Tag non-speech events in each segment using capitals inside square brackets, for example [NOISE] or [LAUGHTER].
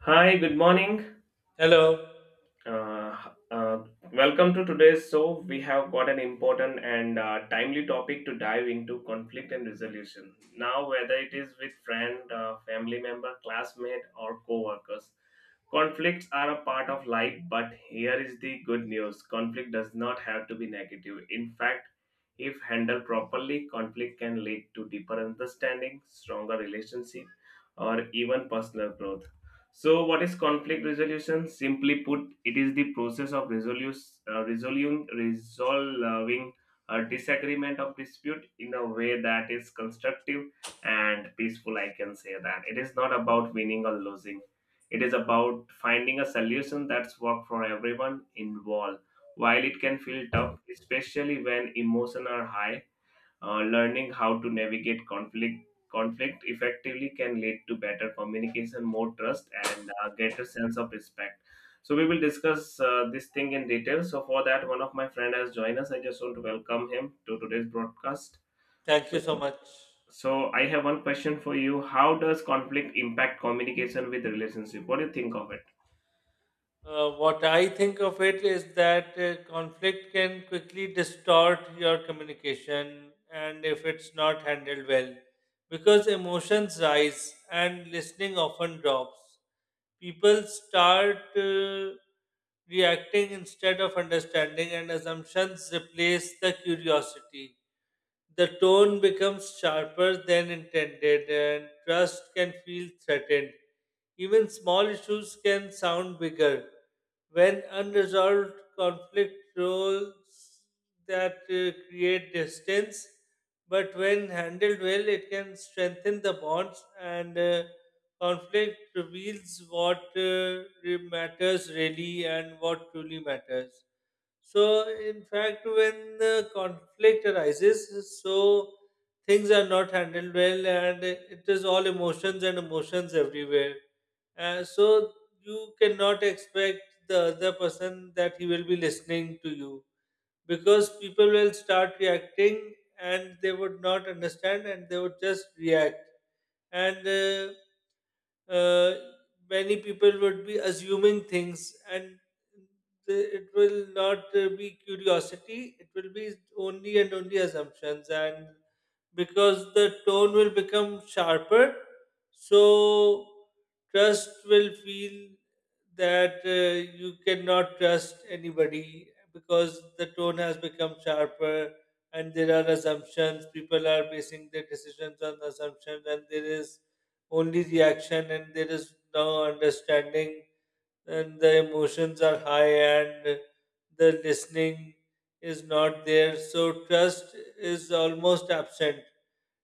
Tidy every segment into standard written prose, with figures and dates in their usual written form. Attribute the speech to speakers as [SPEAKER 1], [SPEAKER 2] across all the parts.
[SPEAKER 1] Hi, good morning.
[SPEAKER 2] Hello.
[SPEAKER 1] Uh, uh, Welcome to today's show. We have got an important and timely topic to dive into conflict and resolution. Now, whether it is with friend, family member, classmate, or co-workers, conflicts are a part of life. But here is the good news: conflict does not have to be negative. In fact, if handled properly, conflict can lead to deeper understanding, stronger relationship, or even personal growth. So, what is conflict resolution? Simply put, it is the process of resolving a disagreement of dispute in a way that is constructive and peaceful. I can say that it is not about winning or losing. It is about finding a solution that's work for everyone involved. While it can feel tough, especially when emotions are high, learning how to navigate conflict effectively can lead to better communication, more trust, and greater sense of respect. So we will discuss this thing in detail. So for that, one of my friend has joined us. I just want to welcome him to today's broadcast.
[SPEAKER 2] Thank you
[SPEAKER 1] So
[SPEAKER 2] so much.
[SPEAKER 1] so I have one question for you. How does conflict impact communication with relationship? What do you think of it?
[SPEAKER 2] What I think of it is that conflict can quickly distort your communication, and if it's not handled well, because emotions rise and listening often drops. People start reacting instead of understanding, and assumptions replace the curiosity. The tone becomes sharper than intended, and trust can feel threatened. Even small issues can sound bigger. When unresolved conflict roles that create distance, but when handled well, it can strengthen the bonds, and conflict reveals what matters really and what truly matters. So, in fact, when the conflict arises, so things are not handled well, and it is all emotions and emotions everywhere. So, you cannot expect the other person that he will be listening to you, because people will start reacting and they would not understand and they would just react. And uh, Many people would be assuming things, and it will not be curiosity, it will be only and only assumptions, and because the tone will become sharper, so trust will feel that you cannot trust anybody, because the tone has become sharper, and there are assumptions, people are basing their decisions on assumptions, and there is only reaction and there is no understanding, and the emotions are high, and the listening is not there, so trust is almost absent,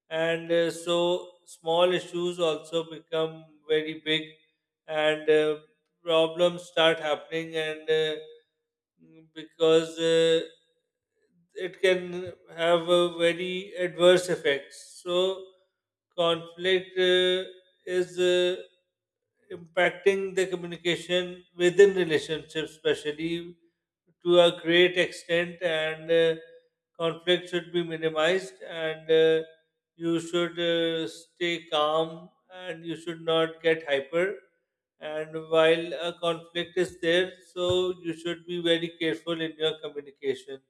[SPEAKER 2] and so small issues also become very big, and problems start happening, and because it can have a very adverse effects. So conflict is impacting the communication within relationships, especially to a great extent, and conflict should be minimized, and you should stay calm, and you should not get hyper. And while a conflict is there, so you should be very careful in your communication.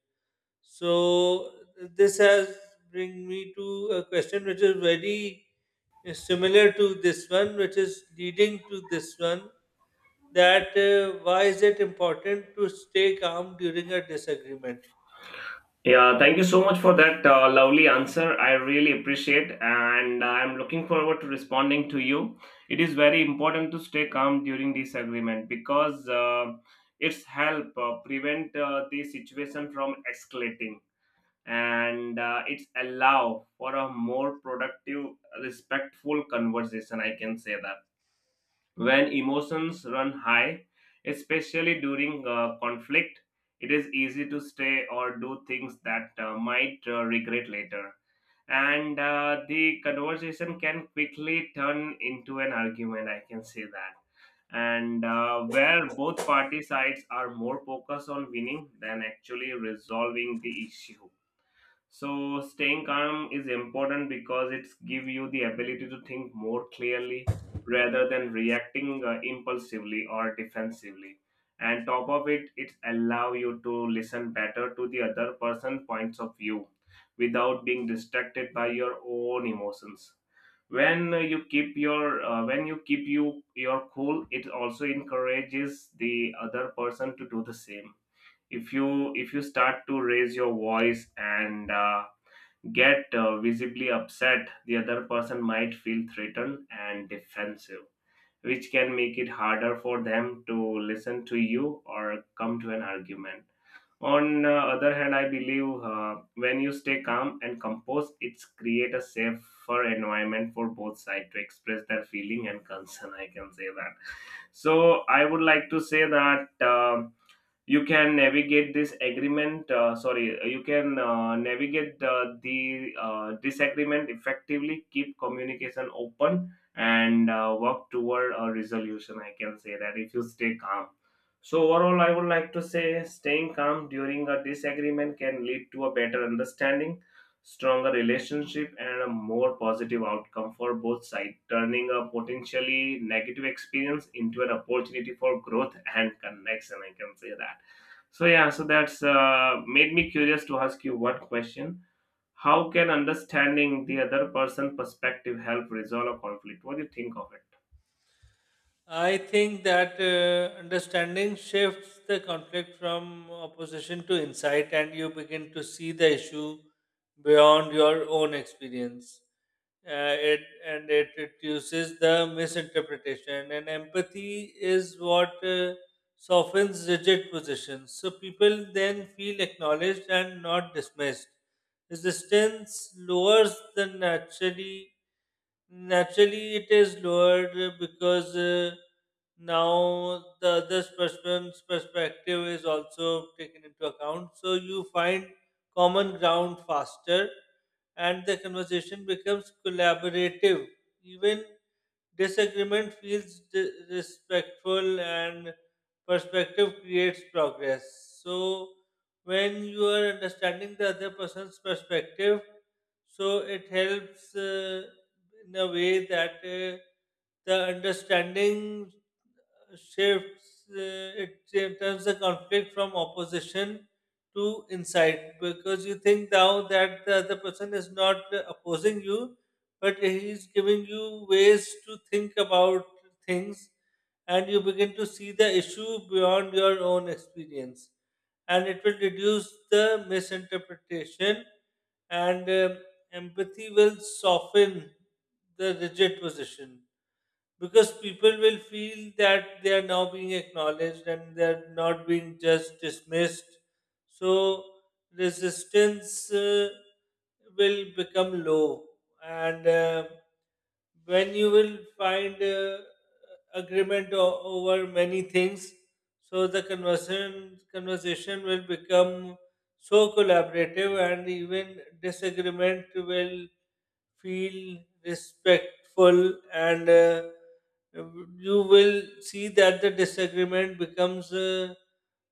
[SPEAKER 2] So this has bring me to a question which is very similar to this one, which is leading to this one. That why is it important to stay calm during a disagreement?
[SPEAKER 1] Yeah, thank you so much for that lovely answer. I really appreciate and I'm looking forward to responding to you. It is very important to stay calm during disagreement because it's help prevent the situation from escalating and it's allow for a more productive respectful conversation. I can say that when emotions run high, especially during conflict, it is easy to stay or do things that might regret later. And the conversation can quickly turn into an argument, I can say that. And where both party sides are more focused on winning than actually resolving the issue, so staying calm is important because it's give you the ability to think more clearly rather than reacting impulsively or defensively. And top of it, it allow you to listen better to the other person points of view without being distracted by your own emotions. When you keep your when you keep you your cool, it also encourages the other person to do the same. If you start to raise your voice and get visibly upset, the other person might feel threatened and defensive, which can make it harder for them to listen to you or come to an argument. On the other hand, I believe when you stay calm and composed, it's create a safer environment for both sides to express their feeling and concern. I can say that. So I would like to say that. You can navigate this agreement sorry you can navigate the disagreement effectively, keep communication open, and work toward a resolution. I can say that if you stay calm, so overall I would like to say staying calm during a disagreement can lead to a better understanding, stronger relationship, and a more positive outcome for both sides, turning a potentially negative experience into an opportunity for growth and connection. I can say that. So yeah, so that's made me curious to ask you one question. How can understanding the other person' perspective help resolve a conflict? What do you think of it?
[SPEAKER 2] I think that understanding shifts the conflict from opposition to insight, and you begin to see the issue beyond your own experience. It and it reduces the misinterpretation, and empathy is what softens rigid positions. So people then feel acknowledged and not dismissed. Resistance lowers the naturally Naturally, it is lowered because now the other person's perspective is also taken into account. So you find common ground faster, and the conversation becomes collaborative. Even disagreement feels respectful, and perspective creates progress. So when you are understanding the other person's perspective, so it helps. In a way that the understanding shifts, it turns the conflict from opposition to insight, because you think now that the other person is not opposing you, but he is giving you ways to think about things, and you begin to see the issue beyond your own experience, and it will reduce the misinterpretation, and empathy will soften the rigid position, because people will feel that they are now being acknowledged and they're not being just dismissed. So resistance will become low, and when you will find agreement over many things, so the conversation will become so collaborative, and even disagreement will feel respectful, and you will see that the disagreement becomes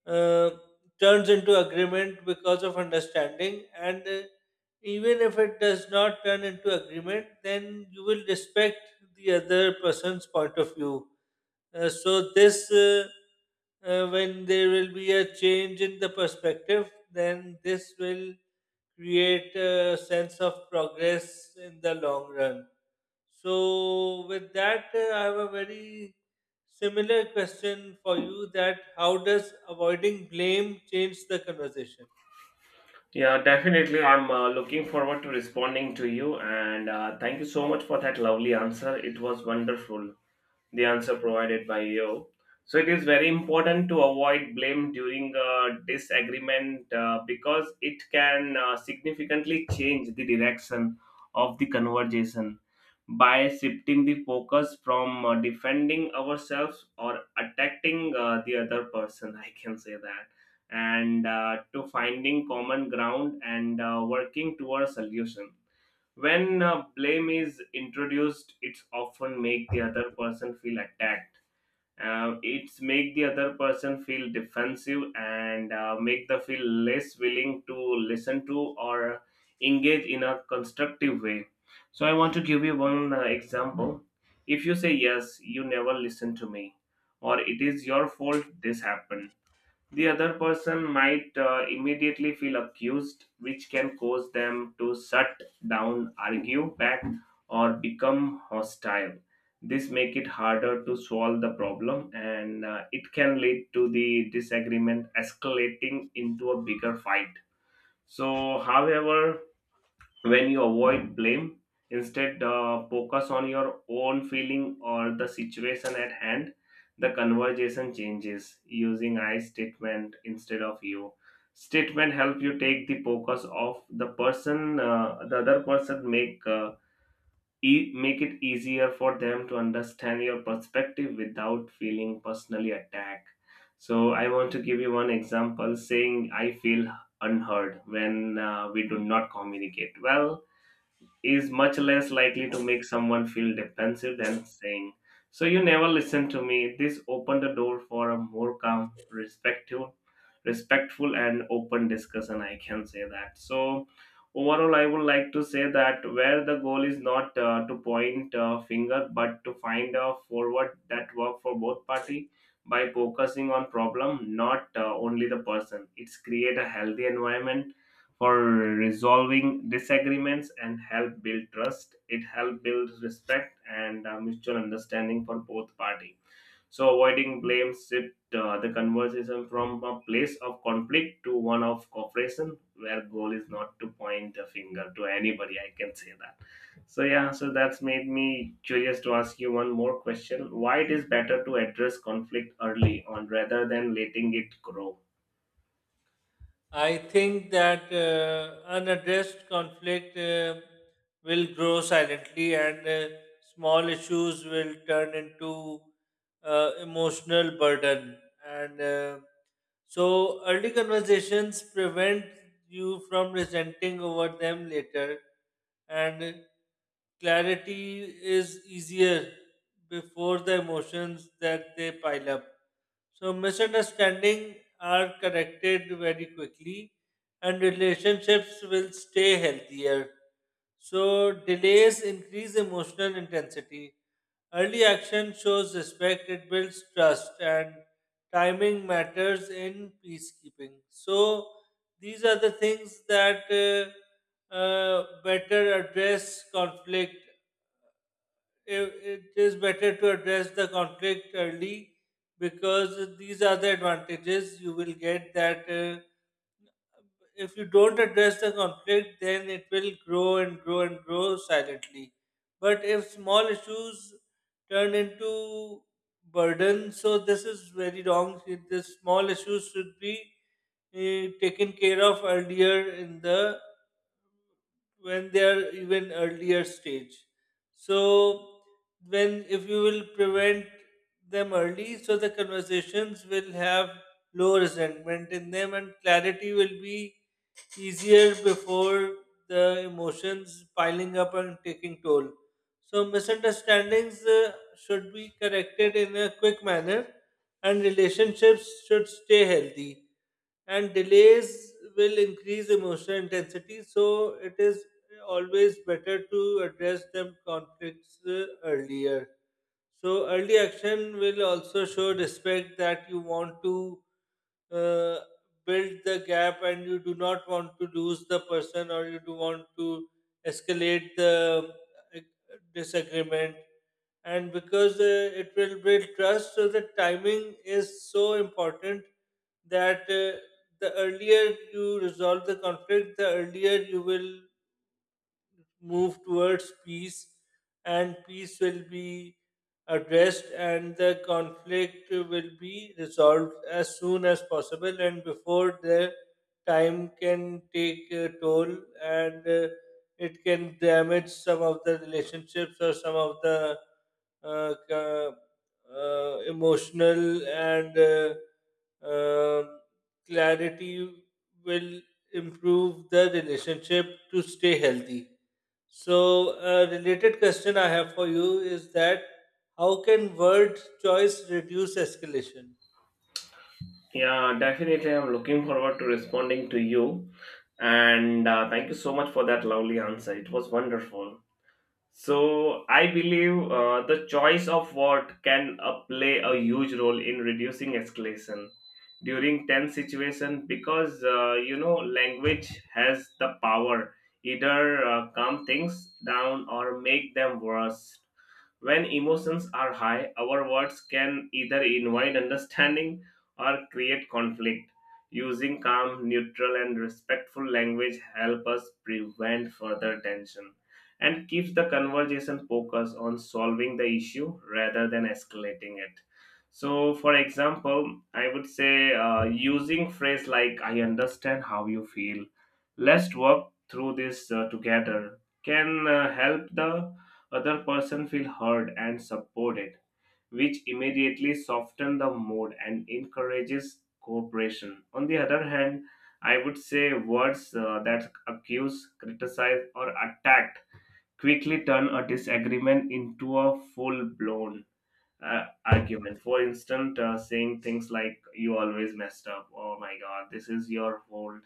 [SPEAKER 2] uh, turns into agreement because of understanding, and even if it does not turn into agreement, then you will respect the other person's point of view. So when there will be a change in the perspective, then this will create a sense of progress in the long run. So with that, I have a very similar question for you: that how does avoiding blame change the conversation?
[SPEAKER 1] Yeah, definitely. I'm looking forward to responding to you, and thank you so much for that lovely answer. It was wonderful, the answer provided by you. So it is very important to avoid blame during a disagreement because it can significantly change the direction of the conversation by shifting the focus from defending ourselves or attacking the other person. [LAUGHS] I can say that. And to finding common ground and working towards solution when blame is introduced, it's often make the other person feel attacked. It's make the other person feel defensive and make the feel less willing to listen to or engage in a constructive way. So I want to give you one example. If you say yes, you never listen to me, or it is your fault this happened, the other person might immediately feel accused, which can cause them to shut down, argue back, or become hostile. This make it harder to solve the problem, and it can lead to the disagreement escalating into a bigger fight. So, however, when you avoid blame instead focus on your own feeling or the situation at hand, the conversation changes. Using I statement instead of you statement help you take the focus off the other person, make make it easier for them to understand your perspective without feeling personally attacked. So I want to give you one example: saying I feel unheard when we do not communicate well is much less likely to make someone feel defensive than saying, so you never listen to me. This opened the door for a more calm, respectful and open discussion. I can say that. So overall, I would like to say that where the goal is not to point a finger, but to find a forward that work for both party by focusing on problem, not only the person. It's create a healthy environment for resolving disagreements and help build trust, it help build respect and mutual understanding for both party. So avoiding blame shift the conversation from a place of conflict to one of cooperation, where goal is not to point a finger to anybody. I can say that. So yeah, so that's made me curious to ask you one more question. Why it is better to address conflict early on rather than letting it grow?
[SPEAKER 2] I think that unaddressed conflict will grow silently, and small issues will turn into emotional burden. And so early conversations prevent you from resenting over them later, and clarity is easier before the emotions that they pile up. So misunderstanding are corrected very quickly, and relationships will stay healthier. So delays increase emotional intensity. Early action shows respect, it builds trust, and timing matters in peacekeeping. So these are the things that better address conflict. It is better to address the conflict early, because these are the advantages you will get, that if you don't address the conflict, then it will grow and grow and grow silently. But if small issues turn into burden, so this is very wrong. The small issues should be taken care of earlier, in the when they are even earlier stage. So when if you will prevent them early, so the conversations will have low resentment in them, and clarity will be easier before the emotions piling up and taking toll. So, misunderstandings should be corrected in a quick manner, and relationships should stay healthy. And delays will increase emotional intensity, so it is always better to address them conflicts earlier. So early action will also show respect, that you want to uh, build the gap and you do not want to lose the person, or you do want to escalate the uh, disagreement. And because it will build trust, so the timing is so important, that the earlier you resolve the conflict, the earlier you will move towards peace, and peace will be addressed and the conflict will be resolved as soon as possible, and before the time can take a toll, and it can damage some of the relationships or some of the uh, ca- emotional, and um clarity will improve the relationship to stay healthy. So, a related question I have for you is that how can word choice reduce escalation?
[SPEAKER 1] Yeah, definitely. I'm looking forward to responding to you. And thank you so much for that lovely answer. It was wonderful. So, I believe the choice of what can play a huge role in reducing escalation during tense situation, because you know language has the power either calm things down or make them worse. When emotions are high, our words can either invite understanding or create conflict. Using calm, neutral, and respectful language help us prevent further tension and keeps the conversation focused on solving the issue rather than escalating it. So, for example, I would say using phrase like "I understand how you feel," "Let's work through this together" can help the other person feel heard and supported, which immediately soften the mood and encourages cooperation. On the other hand, I would say words that accuse, criticize, or attack quickly turn a disagreement into a full-blown argument. For instance, saying things like "You always messed up," "Oh my God, this is your fault,"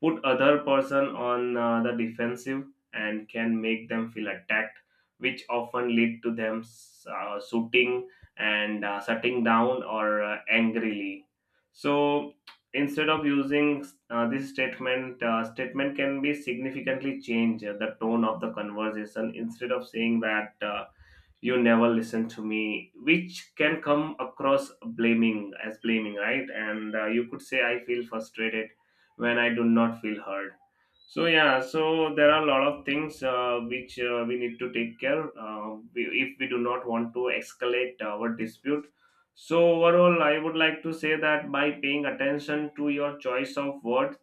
[SPEAKER 1] put other person on the defensive and can make them feel attacked, which often lead to them shooting and shutting down or angrily. So instead of using this statement can be significantly change the tone of the conversation. Instead of saying that you never listen to me, which can come across blaming right, and you could say I feel frustrated when I do not feel heard. So yeah, so there are a lot of things which we need to take care, if we do not want to escalate our dispute. So overall I would like to say that by paying attention to your choice of words,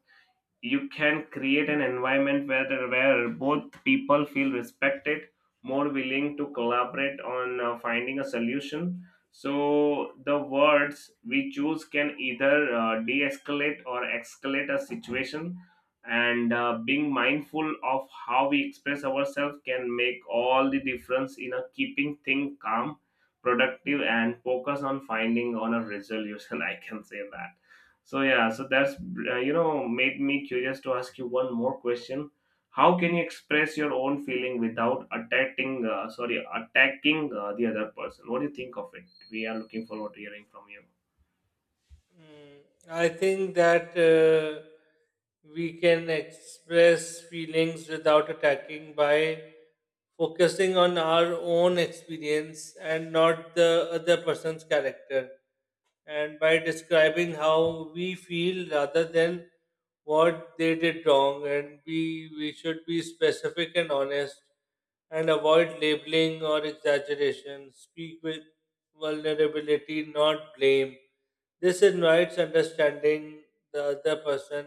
[SPEAKER 1] you can create an environment where both people feel respected, more willing to collaborate on finding a solution. So the words we choose can either de-escalate or escalate a situation, and being mindful of how we express ourselves can make all the difference in a keeping things calm, productive, and focus on finding on a resolution. [LAUGHS] I can say that. So yeah, so that's made me curious to ask you one more question. How can you express your own feeling without attacking? Attacking the other person. What do you think of it? We are looking forward to hearing from you.
[SPEAKER 2] Mm, I think that we can express feelings without attacking by focusing on our own experience and not the other person's character, and by describing how we feel rather than what they did wrong. And we should be specific and honest, and avoid labeling or exaggeration. Speak with vulnerability, not blame. This invites understanding, the other person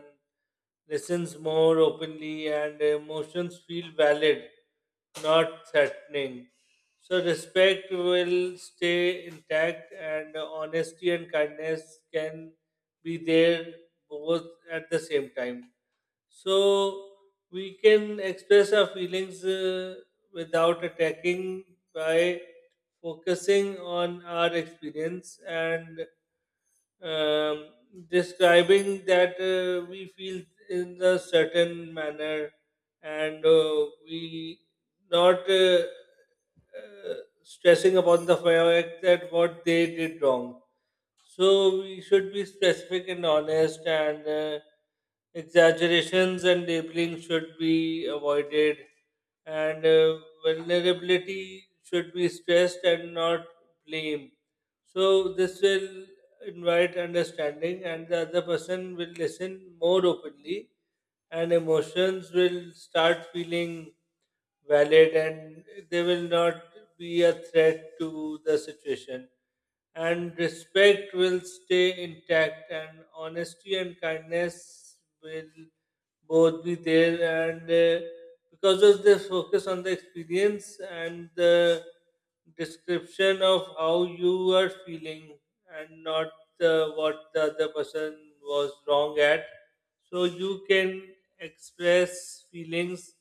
[SPEAKER 2] listens more openly, and emotions feel valid, not threatening. So respect will stay intact, and honesty and kindness can be there both at the same time. So we can express our feelings without attacking by focusing on our experience, and um, describing that we feel in a certain manner, and we not uh, stressing upon the fact that what they did wrong. So we should be specific and honest, and exaggerations and labeling should be avoided, and vulnerability should be stressed and not blamed. So this will invite understanding, and the other person will listen more openly, and emotions will start feeling valid, and they will not be a threat to the situation. And respect will stay intact, and honesty and kindness will both be there, and because of this focus on the experience and the description of how you are feeling and not the, what the other person was wrong at, so you can express feelings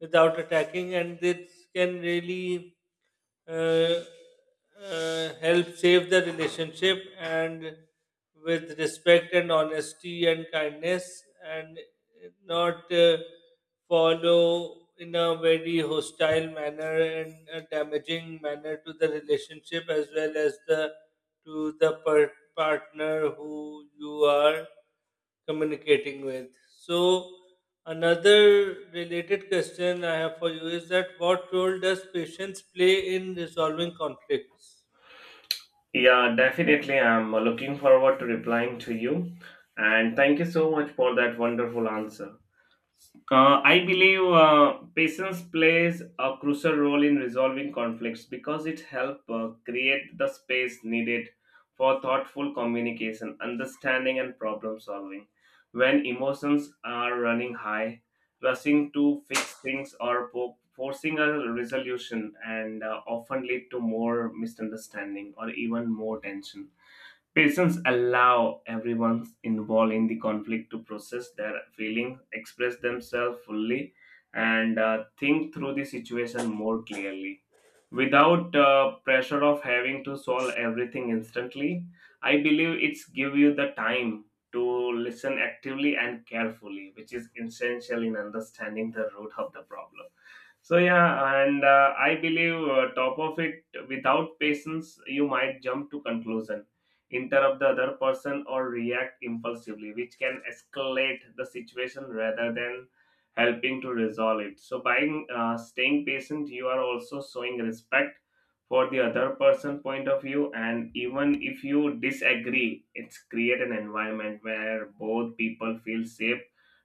[SPEAKER 2] without attacking, and this can really uh, help save the relationship, and with respect and honesty and kindness, and not follow in a very hostile manner and a damaging manner to the relationship, as well as the to the partner who you are communicating with. So, another related question I have for you is that what role does patience play in resolving conflicts?
[SPEAKER 1] Yeah, definitely. I'm looking forward to replying to you, and thank you so much for that wonderful answer. I believe patience plays a crucial role in resolving conflicts because it helps create the space needed for thoughtful communication, understanding, and problem solving. When emotions are running high, rushing to fix things or forcing a resolution and often lead to more misunderstanding or even more tension. Patients allow everyone involved in the conflict to process their feelings, express themselves fully, and think through the situation more clearly. Without pressure of having to solve everything instantly, I believe it's give you the time to listen actively and carefully, which is essential in understanding the root of the problem. So yeah, and I believe top of it, without patience, you might jump to conclusion, interrupt the other person, or react impulsively, which can escalate the situation rather than helping to resolve it. So by staying patient, you are also showing respect for the other person point of view, and even if you disagree, it's create an environment where both people feel safe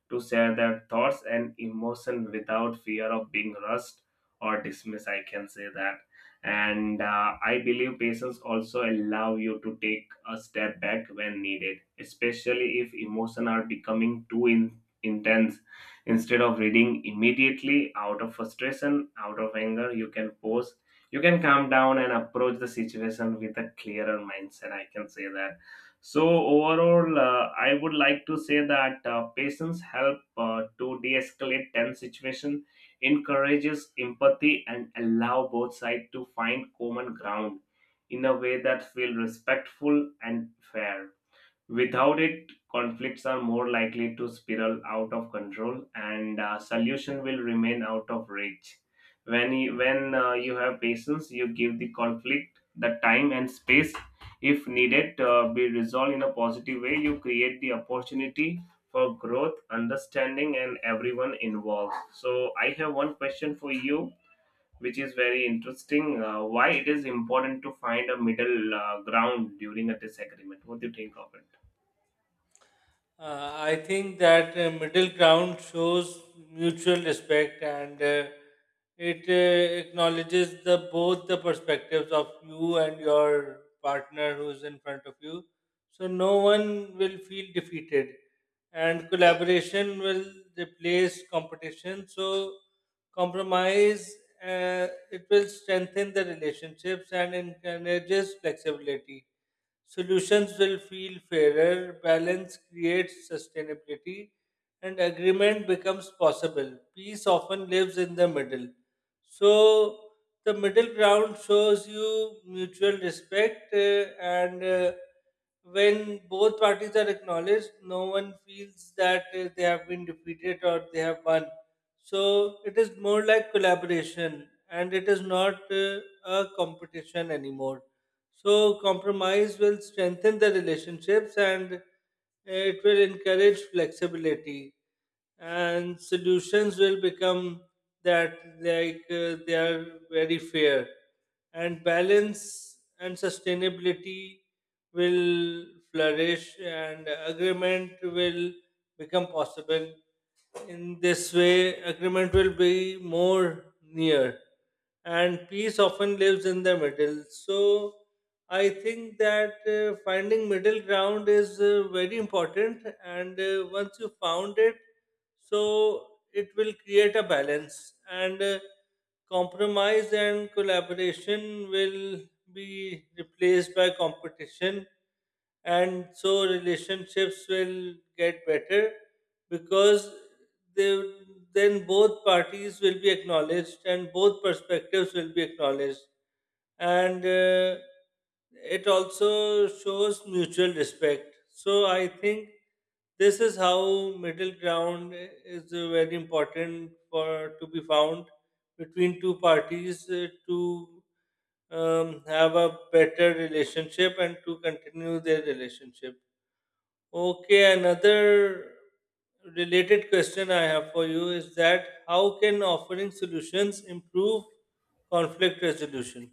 [SPEAKER 1] to share their thoughts and emotion without fear of being rushed or dismissed, I can say that. And I believe patients also allow you to take a step back when needed, especially if emotions are becoming intense. Instead of reading immediately out of frustration, out of anger, you can pause, you can calm down and approach the situation with a clearer mindset, I can say that. So overall, I would like to say that patience help to de-escalate tense situation, encourages empathy, and allow both sides to find common ground in a way that feel respectful and fair. Without it, conflicts are more likely to spiral out of control, and solution will remain out of reach. When you have patience, you give the conflict the time and space, if needed, be resolved in a positive way. You create the opportunity for growth, understanding, and everyone involved. So, I have one question for you, which is very interesting. Why it is important to find a middle ground during a disagreement? What do you think of it?
[SPEAKER 2] I think that middle ground shows mutual respect, and it acknowledges the both the perspectives of you and your partner who's in front of you. So no one will feel defeated, and collaboration will replace competition. So compromise, it will strengthen the relationships and encourages flexibility. Solutions will feel fairer, balance creates sustainability, and agreement becomes possible. Peace often lives in the middle. So, the middle ground shows you mutual respect, and when both parties are acknowledged, no one feels that they have been defeated or they have won. So, it is more like collaboration and it is not a competition anymore. So compromise will strengthen the relationships, and it will encourage flexibility, and solutions will become that, like they are very fair, and balance and sustainability will flourish, and agreement will become possible. In this way agreement will be more near, and peace often lives in the middle. So I think that finding middle ground is very important, and once you found it, so it will create a balance, and compromise and collaboration will be replaced by competition, and so relationships will get better, because they then both parties will be acknowledged and both perspectives will be acknowledged, and it also shows mutual respect. So I think this is how middle ground is very important for to be found between two parties to have a better relationship and to continue their relationship. Okay, another related question I have for you is that how can offering solutions improve conflict resolution?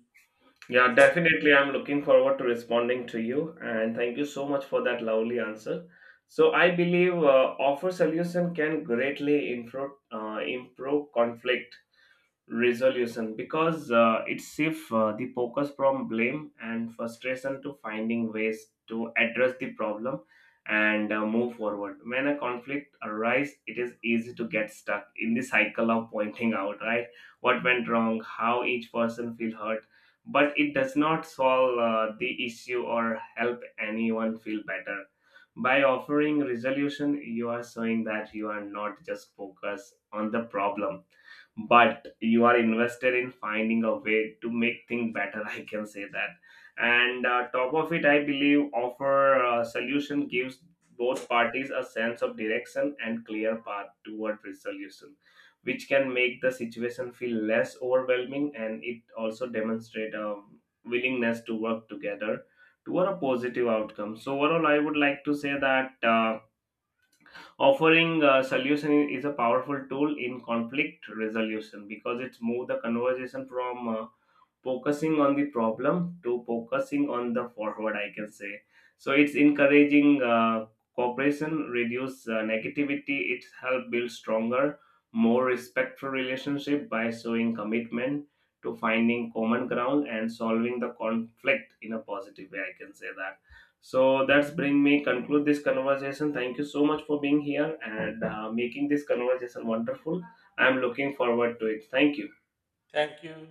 [SPEAKER 1] Yeah, definitely. I'm looking forward to responding to you, and thank you so much for that lovely answer. So I believe offer solution can greatly improve conflict resolution because it shifts the focus from blame and frustration to finding ways to address the problem and move forward. When a conflict arises, it is easy to get stuck in the cycle of pointing out right what went wrong, how each person feel hurt, but it does not solve the issue or help anyone feel better. By offering resolution, you are showing that you are not just focused on the problem, but you are invested in finding a way to make things better [LAUGHS] I can say that. And top of it, I believe offer solution gives both parties a sense of direction and clear path toward resolution, which can make the situation feel less overwhelming, and it also demonstrate a willingness to work together toward a positive outcome. So overall, I would like to say that offering a solution is a powerful tool in conflict resolution because it's moved the conversation from focusing on the problem to focusing on the forward, I can say. So it's encouraging cooperation, reduce negativity, it's help build stronger, more respectful relationship by showing commitment to finding common ground and solving the conflict in a positive way, I can say that. So that's bring me conclude this conversation. Thank you so much for being here and making this conversation wonderful. I'm looking forward to it. Thank you.
[SPEAKER 2] Thank you.